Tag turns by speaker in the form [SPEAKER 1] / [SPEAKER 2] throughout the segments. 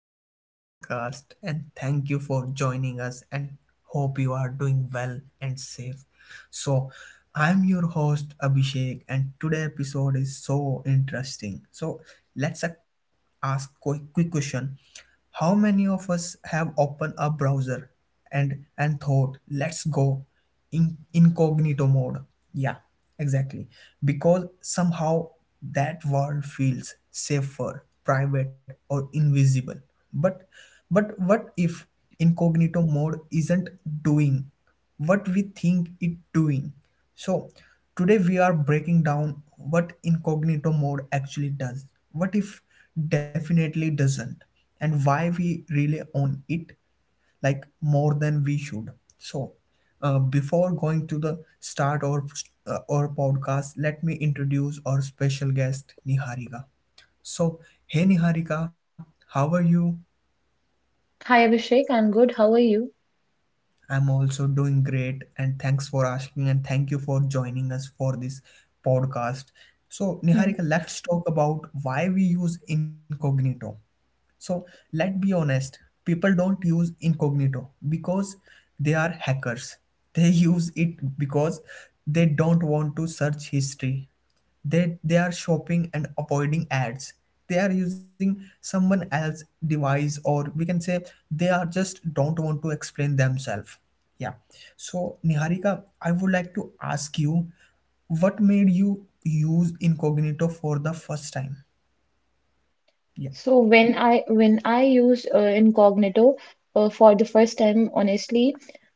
[SPEAKER 1] back to our podcast, and thank you for joining us. And hope you are doing well and safe. So, I'm your host Abhishek, and today episode is so interesting. So, let's ask quick question: How many of us have opened a browser and thought, "Let's go," in incognito mode. Yeah, exactly. Because somehow that world feels safer, private, or invisible. But but what if incognito mode isn't doing what we think it doing? So today we are breaking down what incognito mode actually does. What if definitely doesn't and why we rely on it like more than we should. So, before going to the start or our podcast, let me introduce our special guest Niharika. So, hey Niharika, how are you?
[SPEAKER 2] Hi Abhishek, I'm good. How are you?
[SPEAKER 1] I'm also doing great, and thanks for asking, and thank you for joining us for this podcast. So,
[SPEAKER 2] Hmm.
[SPEAKER 1] Niharika, let's talk about why we use incognito. So let's be honest, people don't use incognito because they are hackers. They use it because they don't want to search history. They are shopping and avoiding ads. They are using someone else's device, or we can say they are just don't want to explain themselves. Yeah. So Niharika, I would like to ask you what made you use incognito for the first time? Yeah.
[SPEAKER 2] So when I used Incognito for the first time, honestly,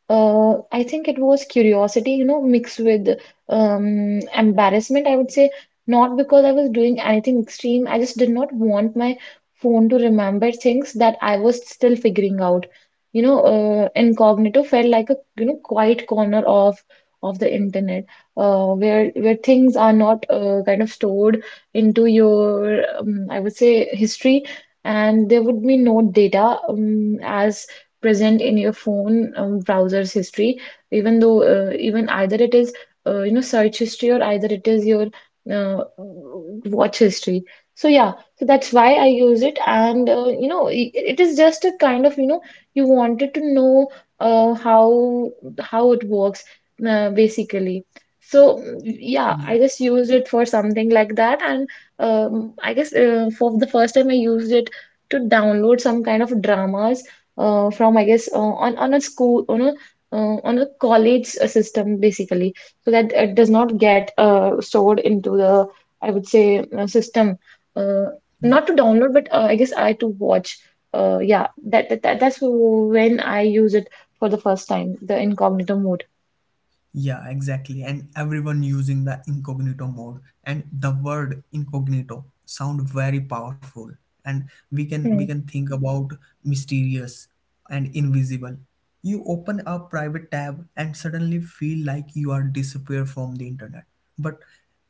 [SPEAKER 2] I think it was curiosity, you know, mixed with embarrassment. I would say not because I was doing anything extreme. I just did not want my phone to remember things that I was still figuring out. You know, Incognito felt like a you know quiet corner of the internet where things are not kind of stored into your, I would say, history, and there would be no data as present in your phone browser's history, even though even either it is you know search history or either it is your uh, watch history. So yeah, so that's why I use it, and you know it is just a kind of you know you wanted to know uh, how how it works basically. So yeah,
[SPEAKER 1] Yeah.
[SPEAKER 2] I just used it for something like that, and I guess for the first time I used it to download some kind of dramas from I guess on a school on a college system basically, so that it does not get stored into the I would say system. Uh, not to download, but I guess I to watch. Yeah, that's when I use it for the first time, the incognito mode.
[SPEAKER 1] Yeah, exactly. And everyone using the incognito mode, and the word incognito sound very powerful. And we can we
[SPEAKER 2] Hmm.
[SPEAKER 1] can think about mysterious and invisible. You open a private tab and suddenly feel like you are disappear from the internet. But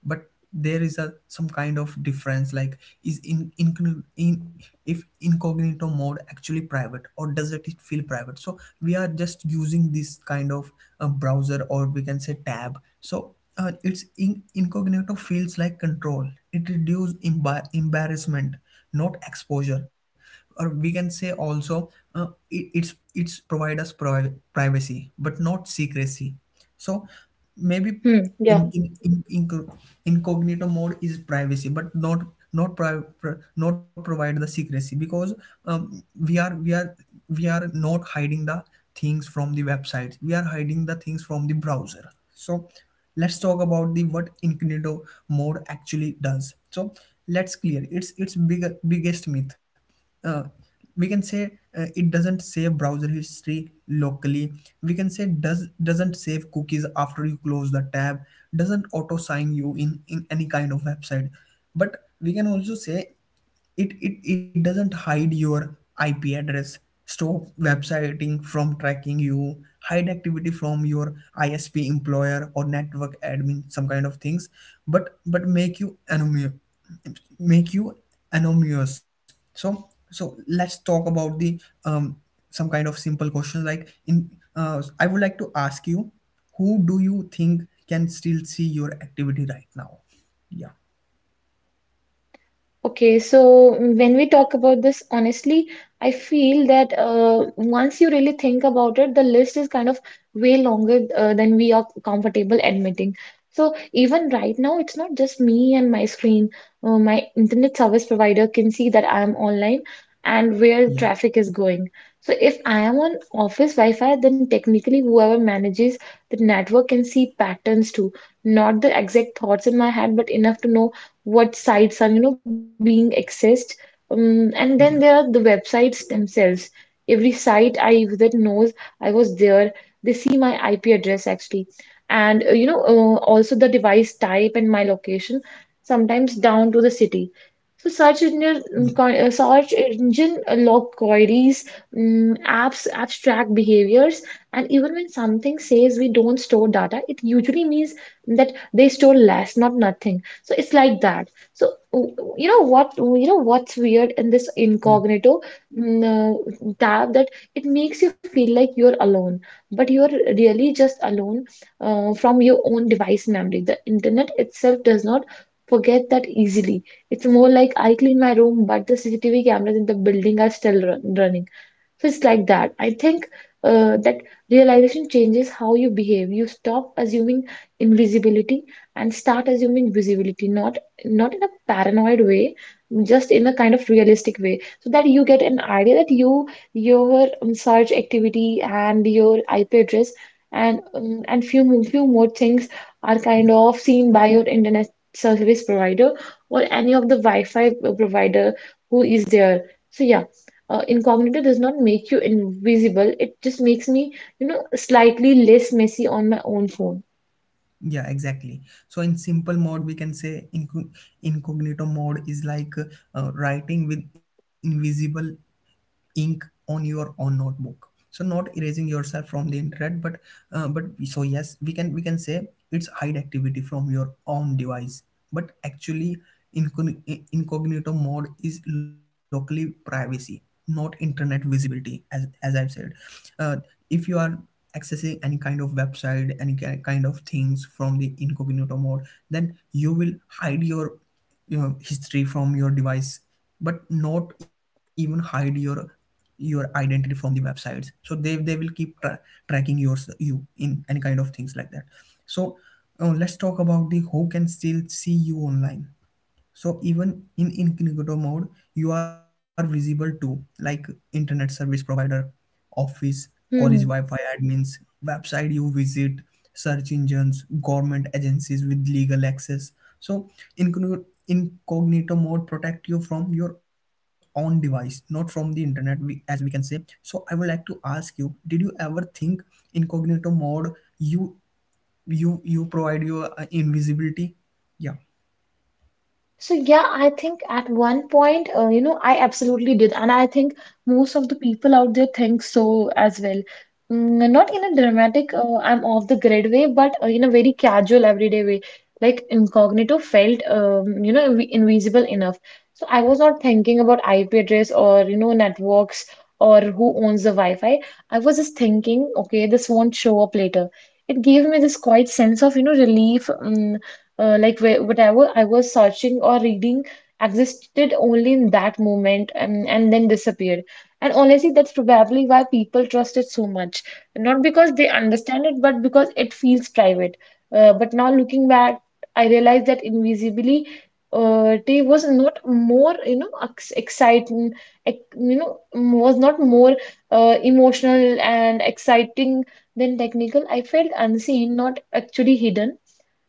[SPEAKER 1] but there is a some kind of difference like is in if incognito mode actually private, or does it feel private, so we are just using this kind of a browser, or we can say tab. So it's incognito feels like control. It reduce embarrassment, not exposure. Or we can say also it's provide us privacy, but not secrecy. So
[SPEAKER 2] Hmm.
[SPEAKER 1] maybe
[SPEAKER 2] Yeah.
[SPEAKER 1] in, in, in, inco- incognito mode is privacy, but not not pri- pr- not provide the secrecy. Because um, we are we are we are not hiding the things from the websites, we are hiding the things from the browser. So let's talk about the what incognito mode actually does. So let's clear it's biggest myth. uh, we can say it doesn't save browser history locally. We can say doesn't save cookies after you close the tab, doesn't auto sign you in any kind of website. But we can also say it doesn't hide your IP address, stop websiting from tracking you, hide activity from your ISP, employer or network admin, some kind of things. But make you anonymous, make you anonymous. So so let's talk about the um some kind of simple questions like in I would like to ask you, who do you think can still see your activity right now? Yeah.
[SPEAKER 2] Okay, so when we talk about this, honestly, I feel that once you really think about it, the list is kind of way longer than we are comfortable admitting. So even right now, it's not just me and my screen. My internet service provider can see that I'm online and
[SPEAKER 1] Yeah.
[SPEAKER 2] where traffic is going. So if I am on office Wi-Fi, then technically whoever manages the network can see patterns too. Not the exact thoughts in my head, but enough to know what sites are you know being accessed, and then
[SPEAKER 1] Yeah.
[SPEAKER 2] there are the websites themselves. Every site I visit knows I was there. They see my IP address actually, and you know also the device type and my location, sometimes down to the city. So
[SPEAKER 1] Yeah.
[SPEAKER 2] search engine log queries, apps abstract behaviors, and even when something says we don't store data it usually means that they store less, not nothing. So it's like that. So you know what's weird in this
[SPEAKER 1] Yeah.
[SPEAKER 2] incognito tab, that it makes you feel like you're alone, but you're really just alone from your own device memory. The internet itself does not forget that easily. It's more like I clean my room but the CCTV cameras in the building are still running. So it's like that. I think that realization changes how you behave. You stop assuming invisibility and start assuming visibility, not not in a paranoid way, just in a kind of realistic way, so that you get an idea that your search activity and your IP address and few more things are kind
[SPEAKER 1] Yeah.
[SPEAKER 2] of seen by your internet service provider or any of the Wi-Fi provider who is there. So yeah, incognito does not make you invisible. It just makes me, you know, slightly less messy on my own phone.
[SPEAKER 1] Yeah, exactly. So in simple mode, we can say incognito mode is like writing with invisible ink on your own notebook. So not erasing yourself from the internet, but so yes we can say it's hide activity from your own device. But actually incogn- incognito mode is locally privacy, not internet visibility, as I've said. uh, if you are accessing any kind of website, any kind of things from the incognito mode, then you will hide your history from your device, but not even hide your identity from the websites. So they will keep tracking yours you in any kind of things like that. So let's talk about the who can still see you online. So even in incognito mode, you are visible to like internet service provider, office, college
[SPEAKER 2] Hmm.
[SPEAKER 1] Wi-Fi admins, website you visit, search engines, government agencies with legal access. So incognito mode protect you from your own device, not from the internet, as we can say. So I would like to ask you, did you ever think incognito mode you you provide your invisibility? Yeah.
[SPEAKER 2] So yeah, I think at one point, you know, I absolutely did, and I think most of the people out there think so as well. Not in a dramatic, I'm off the grid way, but in a very casual, everyday way. Like incognito felt, you know, invisible enough. So I was not thinking about IP address or you know networks or who owns the Wi-Fi. I was just thinking, okay, this won't show up later. It gave me this quiet sense of you know relief. Like whatever I was searching or reading existed only in that moment, and then disappeared. And honestly, that's probably why people trust it so much. Not because they understand it, but because it feels private. But now looking back, I realized that invisibly tea was not more, you know, ex exciting, was not more emotional and exciting than technical. I felt unseen, not actually hidden.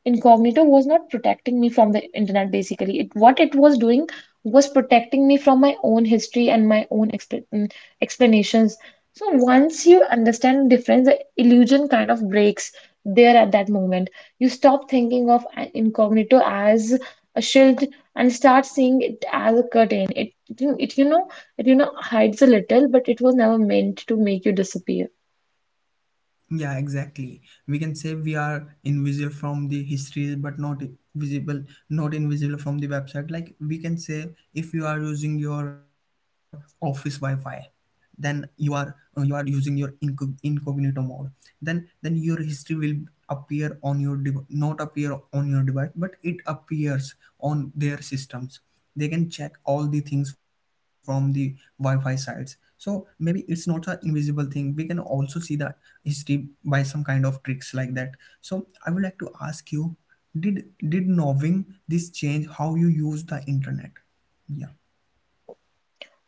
[SPEAKER 2] Incognito was not protecting me from the internet. Basically, it, what it was doing was protecting me from my own history and my own explanations. So once you understand the difference, the illusion kind of breaks there, at that moment. You stop thinking of an incognito as a shield and start seeing it as a curtain. It, it you know you know, hides a little, but it was never meant to make you disappear.
[SPEAKER 1] Yeah, exactly. We can say we are invisible from the history, but not visible, not invisible from the website. Like we can say if you are using your office Wi-Fi, then you are using your incognito mode, then your history will appear on your not appear on your device, but it appears on their systems. They can check all the things from the Wi-Fi sites. So maybe it's not an invisible thing. We can also see the history by some kind of tricks like that. So I would like to ask you, did knowing this change how you use the internet? Yeah.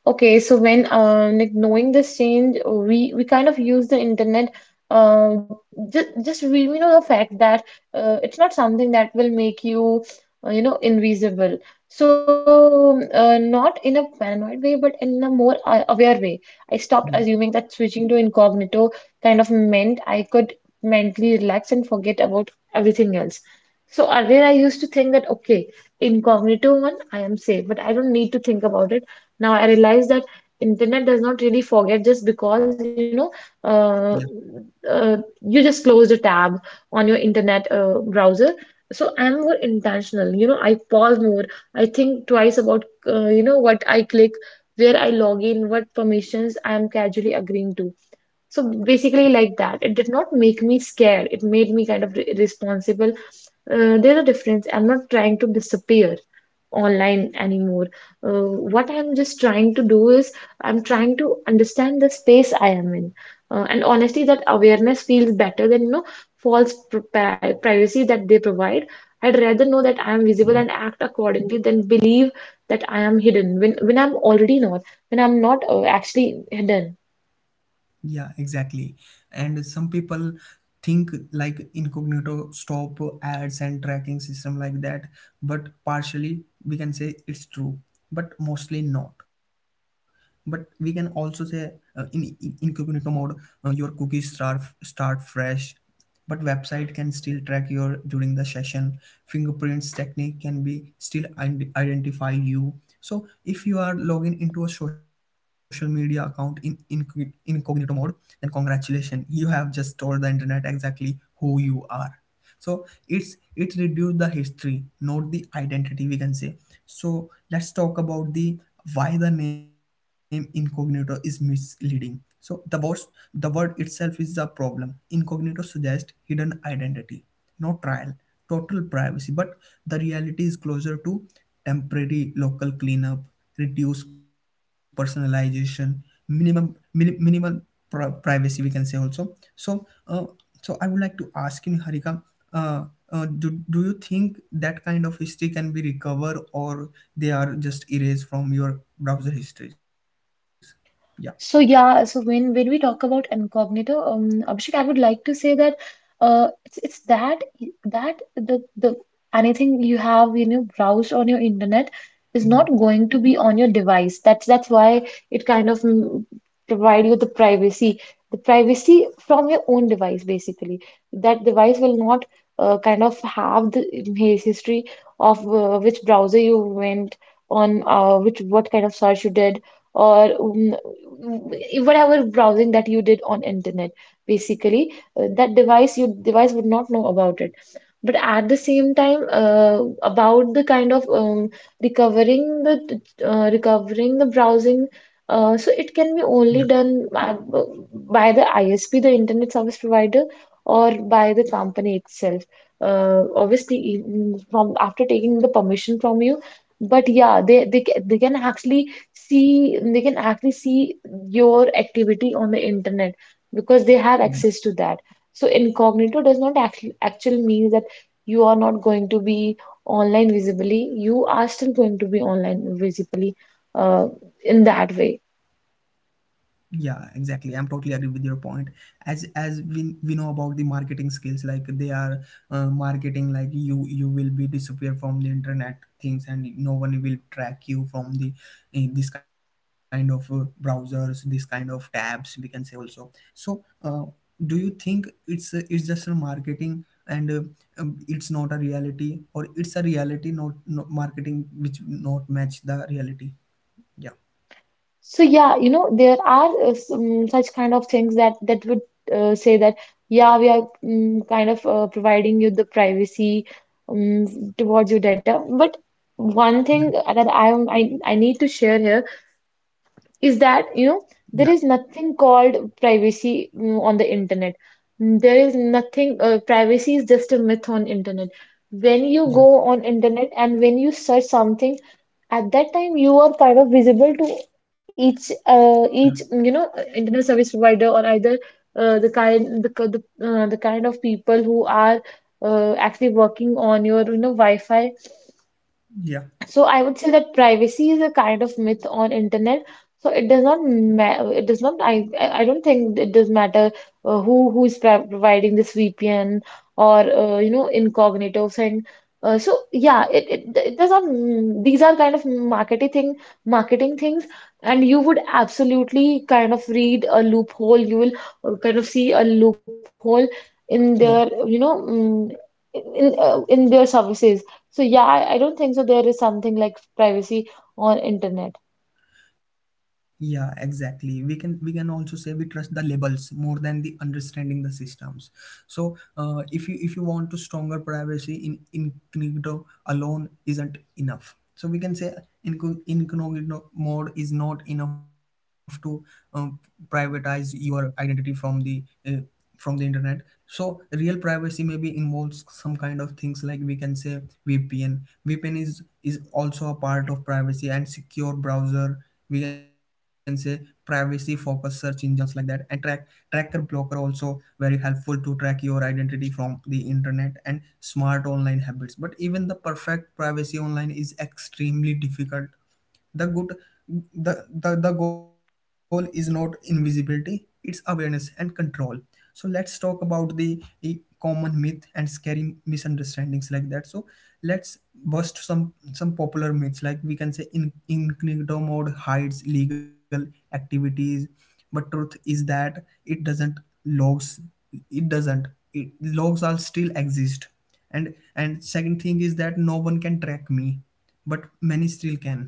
[SPEAKER 2] Okay, so when like knowing this change, we kind of use the internet uh, just we know the fact that it's not something that will make you you know invisible. So not in a paranoid way, but in a more aware way. I stopped
[SPEAKER 1] Yeah.
[SPEAKER 2] assuming that switching to incognito kind of meant I could mentally relax and forget about everything else. So earlier I used to think that okay, incognito one, I am safe, but I don't need to think about it. Now I realize that internet does not really forget just because you know uh,
[SPEAKER 1] Yeah.
[SPEAKER 2] uh, you just closed a tab on your internet browser. So I'm more intentional. You know, I pause more. I think twice about you know what I click, where I log in, what permissions I am casually agreeing to. So basically, like that, it did not make me scared. It made me kind of re responsible. There's a difference. I'm not trying to disappear online anymore. Uh, what I'm just trying to do is I'm trying to understand the space I am in. And honestly, that awareness feels better than, you know, false privacy that they provide. I'd rather know that I am visible and
[SPEAKER 1] Yeah.
[SPEAKER 2] act accordingly than believe that I am hidden when I'm already not, when I'm not actually hidden.
[SPEAKER 1] Yeah, exactly. And some people think like incognito stop ads and tracking system like that, but partially we can say it's true, but mostly not. But we can also say in incognito mode, your cookies start fresh, but website can still track your during the session. Fingerprints technique can be still identify you. So if you are logging into a social media account in incognito mode, then congratulations, you have just told the internet exactly who you are. So it's it reduced the history, not the identity, we can say. So let's talk about the why the name incognito is misleading. So the word itself is the problem. Incognito suggests hidden identity, no trial, total privacy, but the reality is closer to temporary local cleanup, reduced personalization, minimum minimal privacy. We can say also. So, so I would like to ask you, Harika, uh, do you think that kind of history can be recovered, or they are just erased from your browser histories? Yeah.
[SPEAKER 2] So yeah, so when we talk about incognito, Abhishek, I would like to say that it's that the anything you have you know browsed on your internet is
[SPEAKER 1] Yeah.
[SPEAKER 2] not going to be on your device. That's why it kind of provide you the privacy from your own device basically. That device will not kind of have the history of which browser you went on, which what kind of search you did or whatever browsing that you did on internet basically. That device, your device, would not know about it, but at the same time about the kind of recovering the browsing so it can be
[SPEAKER 1] Yeah.
[SPEAKER 2] only done by the ISP, the internet service provider, or by the company itself, obviously even from after taking the permission from you. But yeah, they can actually see, they can actually see your activity on the internet because they have
[SPEAKER 1] Yeah.
[SPEAKER 2] access to that. So incognito does not actually actually mean that you are not going to be online visibly. You are still going to be online visibly uh, in that way.
[SPEAKER 1] Yeah, exactly. I'm totally agree with your point. As we know about the marketing skills, like they are marketing, like you will be disappear from the internet things, and no one will track you from the this kind of browsers, this kind of tabs. We can say also. So, do you think it's just a marketing? And it's not a reality, or it's a reality, not marketing which not match the reality? Yeah.
[SPEAKER 2] So yeah, you know, there are some such kind of things that that would say that yeah, we are kind of providing you the privacy towards your data. But one
[SPEAKER 1] Yeah.
[SPEAKER 2] thing that I am I need to share here is that you
[SPEAKER 1] Yeah.
[SPEAKER 2] know there is nothing called privacy on the internet. There is nothing. Privacy is just a myth on internet. When you go on internet and when you search something, at that time you are kind of visible to
[SPEAKER 1] Yeah.
[SPEAKER 2] each you know internet service provider or either the kind the ki- the kind of people who are actually working on your you know Wi-Fi.
[SPEAKER 1] Yeah,
[SPEAKER 2] So I would say that privacy is a kind of myth on internet. So it does not, I don't think it does matter who is pri providing this VPN or you know incognito thing. So yeah, it does not. These are kind of marketing thing, marketing things, and you would absolutely kind of read a loophole. You will kind of see a loophole in their you
[SPEAKER 1] yeah.
[SPEAKER 2] know in their services. So yeah, I don't think so there is something like privacy on internet.
[SPEAKER 1] Yeah, exactly. We can also say we trust the labels more than the understanding the systems. So, if you want to stronger privacy in incognito alone isn't enough. So we can say incognito mode is not enough to um, privatize your identity uh, from the internet. So real privacy maybe involves some kind of things like we can say VPN. VPN is also a part of privacy, and secure browser we can say, privacy focused search engines like that, and tracker blocker also very helpful to track your identity from the internet, and smart online habits. But even the perfect privacy online is extremely difficult. The good the goal is not invisibility, it's awareness and control. So let's talk about the common myth and scary misunderstandings like that. So let's bust some popular myths. Like we can say in incognito mode hides legal activities, but truth is that it doesn't logs it doesn't it logs all still exist. And second thing is that no one can track me, but many still can.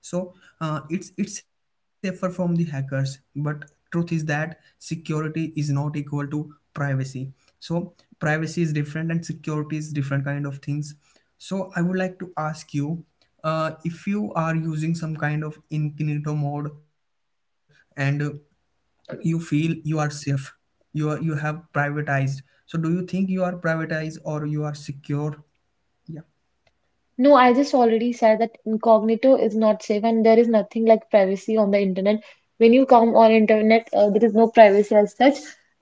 [SPEAKER 1] So it's safer from the hackers, but truth is that security is not equal to privacy. So privacy is different and security is different kind of things. So I would like to ask you, if you are using some kind of incognito mode, and you feel you are safe, you have privatized. So do you think you are privatized or you are secure? Yeah.
[SPEAKER 2] No, I just already said that incognito is not safe and there is nothing like privacy on the internet. When you come on internet, there is no privacy as such.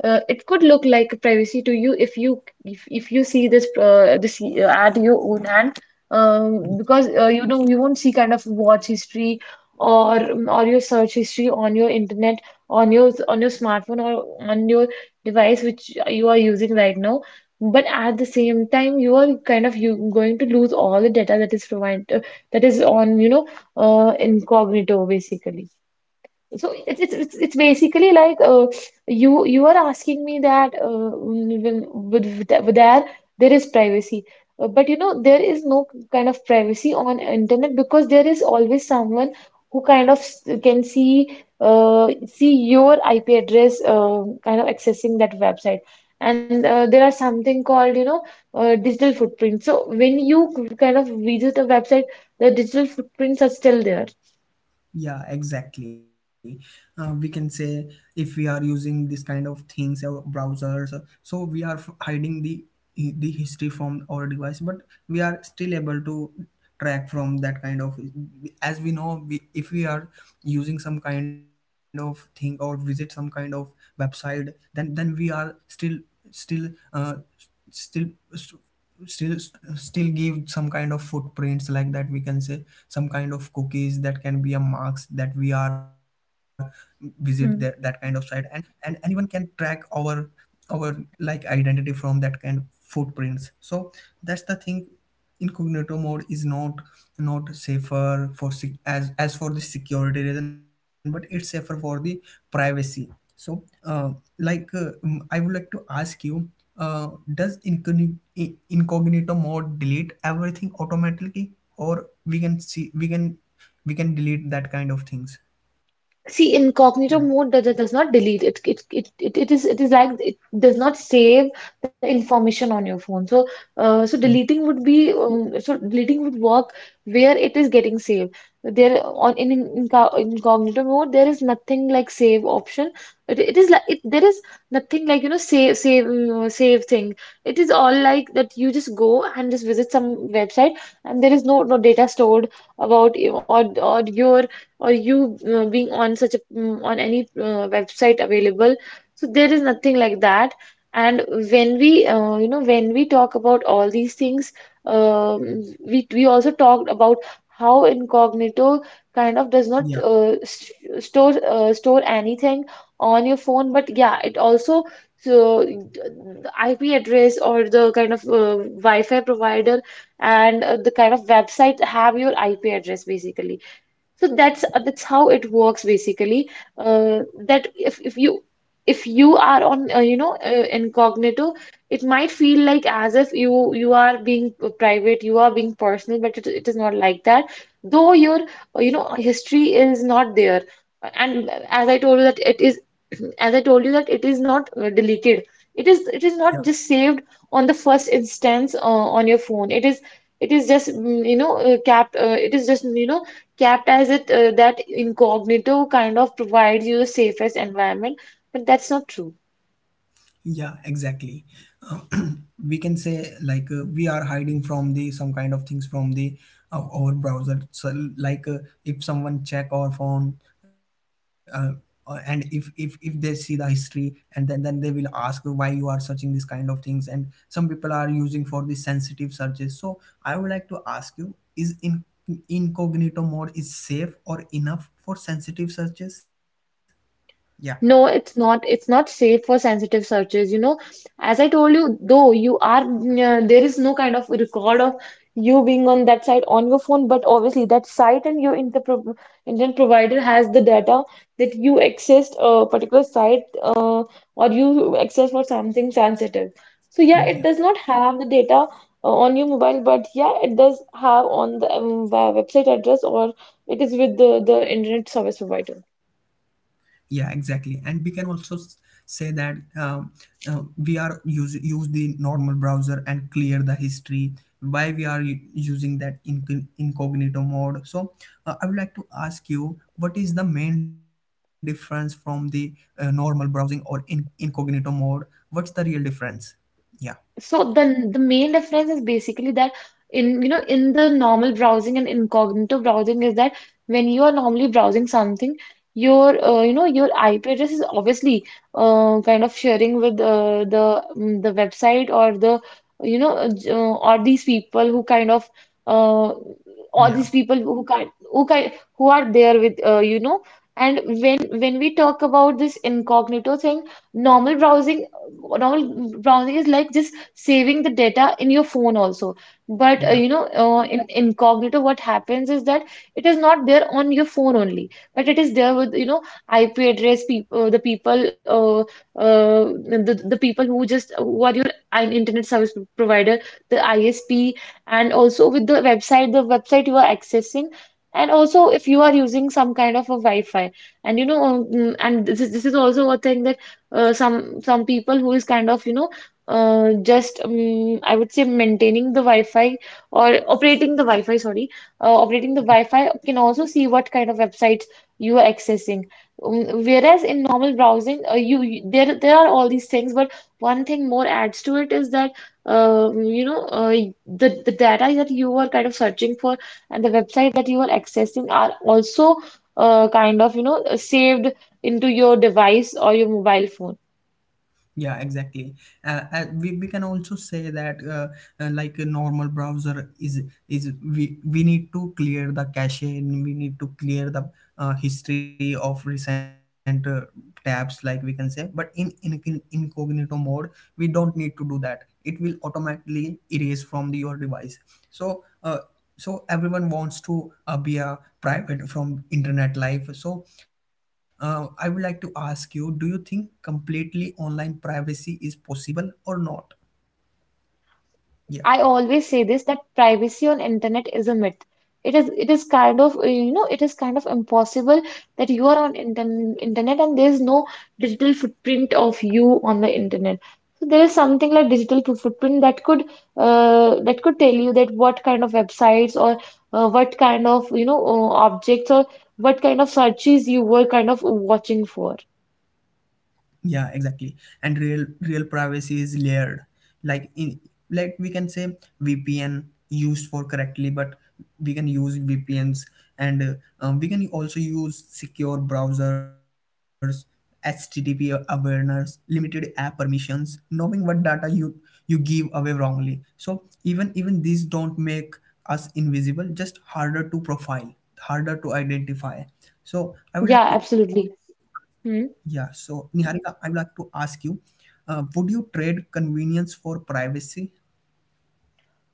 [SPEAKER 2] It could look like privacy to you if you see this at your own hand, because you know you won't see kind of watch history or or your search history on your internet on your smartphone or on your device which you are using right now. But at the same time, you are kind of you going to lose all the data that is provided, that is on, incognito basically. So it's basically like, you are asking me that with that there is privacy, but you know there is no kind of privacy on internet, because there is always someone who kind of can see, see your IP address, kind of accessing that website. And there are something called, you know, digital footprint. So when you kind of visit a website, the digital footprints are still there.
[SPEAKER 1] Yeah, exactly. We can say if we are using this kind of things, our browsers, so we are hiding the history from our device, but we are still able to track from that kind of. As we know, if we are using some kind of thing or visit some kind of website, then we are still uh, still still still give some kind of footprints like that. We can say some kind of cookies that can be a marks that we are visit that kind of site, and anyone can track our like identity from that kind of footprints. So that's the thing, incognito mode is not safer for as for the security reason, but it's safer for the privacy. So I would like to ask you, uh, does incogni- incognito mode delete everything automatically, or we can see, we can delete that kind of things? Yeah,
[SPEAKER 2] See, incognito mode does not delete it. It is like it does not save the information on your phone. So so
[SPEAKER 1] yeah,
[SPEAKER 2] deleting would be so deleting would work where it is getting saved. There on incognito mode there is nothing like save option. It is like it there is nothing like, you know, save thing. It is all like that you just go and just visit some website, and there is no no data stored about you or your or you being on such a on any website available. So there is nothing like that. And when we, you know, when we talk about all these things, we also talked about how incognito kind of does not, st store, store anything on your phone. But yeah, it also, so the IP address or the kind of, Wi-Fi provider, and the kind of website have your IP address basically. So that's how it works basically. Uh, that if you are on, incognito, it might feel like as if you are being private, you are being personal, but it is not like that. Though your, you know, history is not there, and as I told you that it is as I told you that it is not deleted. It is
[SPEAKER 1] yeah.
[SPEAKER 2] not just saved on the first instance on your phone. It is just you know, capped. It is just, you know, kept as it that incognito kind of provides you the safest environment, but that's not true.
[SPEAKER 1] Yeah, exactly. Uh, we can say like we are hiding from the some kind of things from the our browser. So like if someone check our phone, uh, and if they see the history, and then they will ask, why you are searching this kind of things? And some people are using for the sensitive searches. So I would like to ask you, is in incognito mode is safe or enough for sensitive searches? Yeah.
[SPEAKER 2] No, it's not. It's not safe for sensitive searches. You know, as I told you, though you are, there is no kind of record of you being on that site on your phone, but obviously that site and your internet provider has the data that you accessed a particular site, or you access for something sensitive. So yeah, it
[SPEAKER 1] Yeah.
[SPEAKER 2] does not have the data, on your mobile, but yeah, it does have on the, website address, or it is with the internet service provider.
[SPEAKER 1] Yeah, exactly. And we can also say that we are use the normal browser and clear the history. Why we are using that incognito mode? So I would like to ask you, what is the main difference from the normal browsing or in incognito mode? What's the real difference? Yeah,
[SPEAKER 2] So the main difference is basically that in, you know, in the normal browsing and incognito browsing is that when you are normally browsing something, your, your IP address is obviously kind of sharing with, the website, or the, or these people who kind of, uh, or
[SPEAKER 1] yeah,
[SPEAKER 2] these people who kind who kind who are there with, and when we talk about this incognito thing. Normal browsing, normal browsing is like just saving the data in your phone also. But
[SPEAKER 1] yeah.
[SPEAKER 2] in incognito, what happens is that it is not there on your phone only, but it is there with, you know, IP address, people, uh, uh, the people who just who are your an internet service provider, the ISP, and also with the website you are accessing. And also, if you are using some kind of a Wi-Fi, and you know, and this is also a thing that, some people who is kind of, you know, just I would say maintaining the Wi-Fi, or operating the Wi-Fi, sorry, operating the Wi-Fi can also see what kind of websites you are accessing. Whereas in normal browsing, you there there are all these things, but one thing more adds to it is that, the data that you are kind of searching for, and the website that you are accessing, are also, kind of, you know, saved into your device or your mobile phone.
[SPEAKER 1] Yeah, exactly. We can also say that like a normal browser is we need to clear the cache, and we need to clear the history of recent tabs, like we can say. But incognito mode we don't need to do that, it will automatically erase from the, your device. So so everyone wants to be a private from internet life. So I would like to ask you, do you think completely online privacy is possible or not?
[SPEAKER 2] I
[SPEAKER 1] Yeah.
[SPEAKER 2] always say this, that privacy on internet is a myth. It is kind of, you know, it is kind of impossible that you are on internet and there is no digital footprint of you on the internet. So there is something like footprint that could, that could tell you that what kind of websites, or, what kind of, objects, or what kind of searches you were kind of watching for.
[SPEAKER 1] Yeah, exactly. And real privacy is layered, like in, like we can say, VPN used for correctly, but we can use VPNs, and we can also use secure browsers, http awareness, limited app permissions, knowing what data you give away wrongly. So even these don't make us invisible, just harder to profile, harder to identify. So I would
[SPEAKER 2] Yeah,
[SPEAKER 1] like to,
[SPEAKER 2] absolutely.
[SPEAKER 1] yeah, so Niharika, I would like to ask you, would you trade convenience for privacy?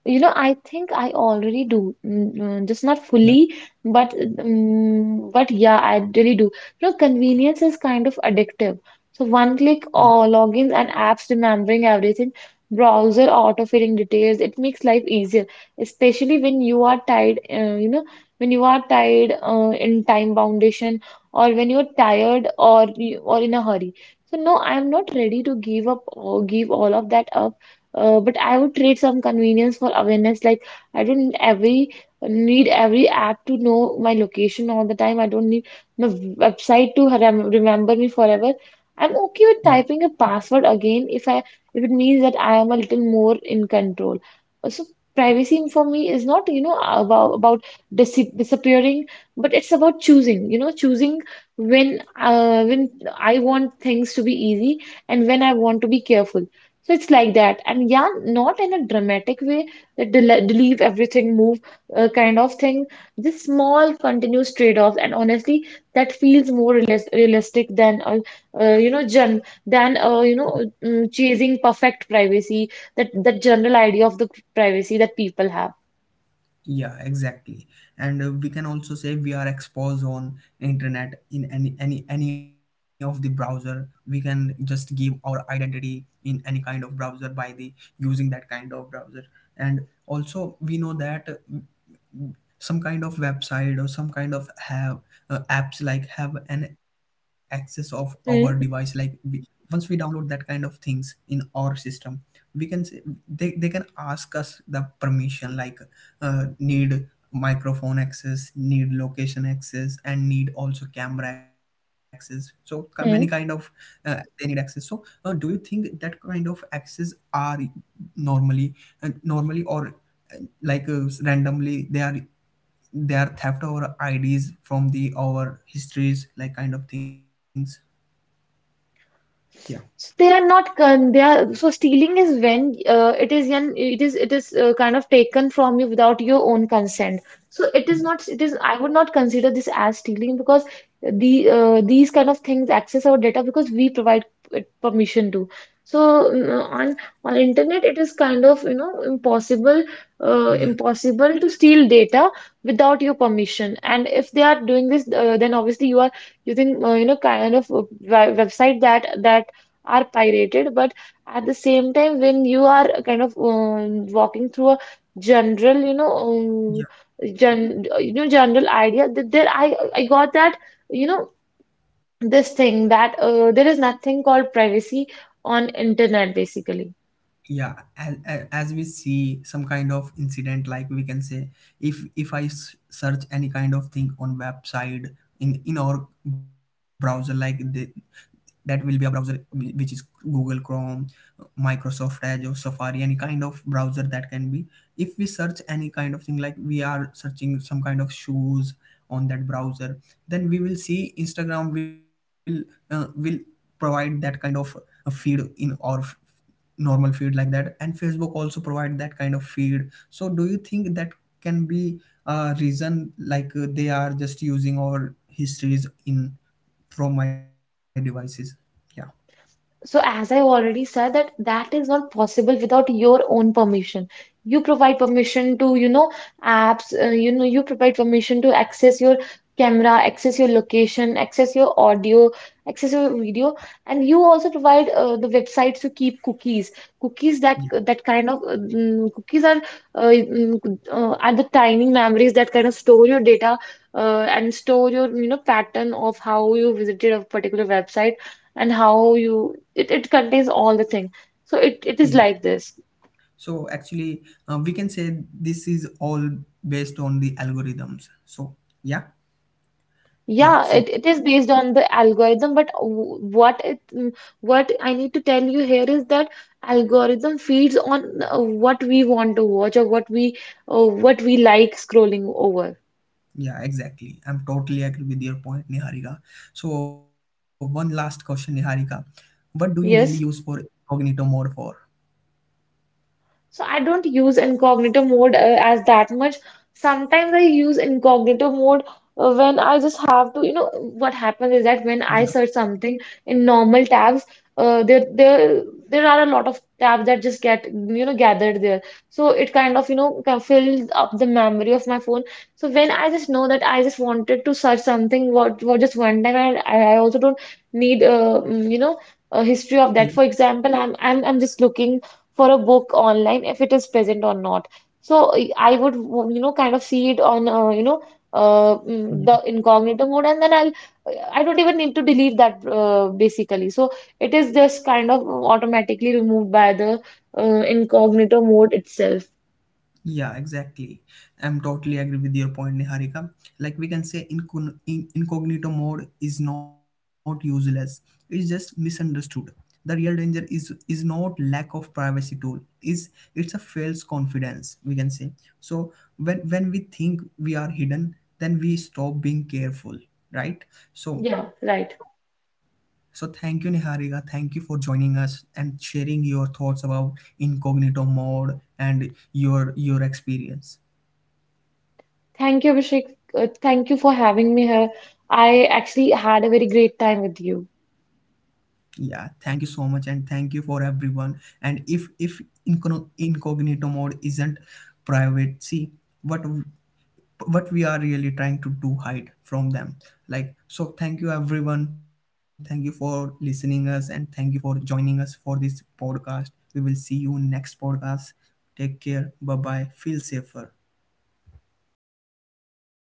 [SPEAKER 2] You know, I think I already do. Just not
[SPEAKER 1] Yeah,
[SPEAKER 2] fully, but but yeah, I really do. You know, convenience is kind of addictive. So one
[SPEAKER 1] yeah,
[SPEAKER 2] click or logins, and apps remembering everything, browser auto-filling details, it makes life easier, especially when you are tied, you know, when you are tied in time foundation, or when you're tired, or or in a hurry. So no, I'm not ready to give up or give all of that up. But I would trade some convenience for awareness. Like, I don't every need every app to know my location all the time. I don't need my website to remember me forever. I'm
[SPEAKER 1] yeah.
[SPEAKER 2] okay with typing a password again if it means that I am a little more in control. So privacy for me is not, you know, about disappearing, but it's about choosing, you know, choosing when, when I want things to be easy, and when I want to be careful. So it's like that. And yeah, not in a dramatic way that del leave everything, move, kind of thing. Just small continuous trade-offs. And honestly, that feels more realistic than, you know, gen than, chasing perfect privacy, that general idea of the privacy that people have.
[SPEAKER 1] Yeah, exactly. And we can also say, we are exposed on internet in any of the browser. We can just give our identity in any kind of browser by the using that kind of browser. And also we know that some kind of website or some kind of have apps like have an access of our device, like
[SPEAKER 2] Hmm.
[SPEAKER 1] we, once we download that kind of things in our system, we can say, they can ask us the permission like need microphone access, need location access, and need also camera access. So many kind of
[SPEAKER 2] Hmm.
[SPEAKER 1] they need access. So do you think that kind of access are normally, normally, or randomly they are, they are theft our ids from the our histories like kind of things? Yeah,
[SPEAKER 2] So they are not con they are so stealing is when, it is an it is kind of taken from you without your own consent. So it is
[SPEAKER 1] yeah,
[SPEAKER 2] not it is I would not consider this as stealing, because the, these kind of things access our data because we provide it permission to. So mm, on on internet it is kind of, you know, impossible,
[SPEAKER 1] yeah.
[SPEAKER 2] impossible to steal data without your permission. And if they are doing this, then obviously you are using, kind of a website that that are pirated. But at the same time, when you are kind of, walking through a general, you know, gen you know, general idea, that there I got that, you know, this thing that, there is nothing called privacy on internet basically.
[SPEAKER 1] Yeah, as we see some kind of incident, like we can say, if search any kind of thing on website in our browser, like that will be a browser which is Google Chrome, Microsoft Edge, or Safari, any kind of browser that can be. If we search any kind of thing, like we are searching some kind of shoes on that browser, then we will see Instagram will uh, will provide that kind of a feed in our normal feed like that, and Facebook also provide that kind of feed. So do you think that can be a reason like they are just using our histories in from my devices? Yeah,
[SPEAKER 2] So, as I already said, that that is not possible without your own permission. You provide permission to, you know, apps, you know, you provide permission to access your camera, access your location, access your audio, access your video, and you also provide, the websites to keep cookies. Cookies
[SPEAKER 1] yeah,
[SPEAKER 2] that that kind of, cookies are, are the tiny memories that kind of store your data, and store your, you know, pattern of how you visited a particular website, and how you it, it contains all the thing. So it
[SPEAKER 1] yeah.
[SPEAKER 2] is like this.
[SPEAKER 1] So actually we can say this is all based on the algorithms. So yeah, yeah.
[SPEAKER 2] Yeah,
[SPEAKER 1] So
[SPEAKER 2] it is based on the algorithm. But what it what I need to tell you here is that algorithm feeds on, what we want to watch, or what we, what we like scrolling over.
[SPEAKER 1] yeah, exactly, I'm totally agree with your point, Niharika. So one last question, Niharika, what do you mainly use for
[SPEAKER 2] Yes.
[SPEAKER 1] incognito mode for?
[SPEAKER 2] So I don't use incognito mode as that much. Sometimes I use incognito mode when I just have to, you know. What happens is
[SPEAKER 1] Yeah,
[SPEAKER 2] that when I search something in normal tabs, uh, there there there are a lot of tabs that just get, you know, gathered there. So it kind of, you know, fills up the memory of my phone. So when I just know that I just wanted to search something what for just one time, and I also don't need, you know, a history
[SPEAKER 1] yeah,
[SPEAKER 2] of that. For example, I'm just looking for a book online, if it is present or not. So I would, you know, kind of see it on, the
[SPEAKER 1] yeah.
[SPEAKER 2] incognito mode, and then I'll, I don't even need to delete that basically. So it is just kind of automatically removed by the incognito mode itself.
[SPEAKER 1] Yeah, exactly. I'm totally agree with your point, Niharika. Like we can say, incognito mode is not useless. It's just misunderstood. The real danger is not lack of privacy tool. Is, it's a false confidence, we can say. So when we think we are hidden, then we stop being careful, right? So
[SPEAKER 2] Yeah, right.
[SPEAKER 1] so thank you, Niharika. Thank you for joining us and sharing your thoughts about incognito mode and your experience.
[SPEAKER 2] Thank you, Abhishek. Thank you for having me here. I actually had a very great time with you.
[SPEAKER 1] Yeah, thank you so much. And thank you for everyone. And if incogn- incognito mode isn't privacy, what what we are really trying to do, hide from them. Like so thank you, everyone. Thank you for listening us, and thank you for joining us for this podcast. We will see you next podcast. Take care, bye bye feel safer.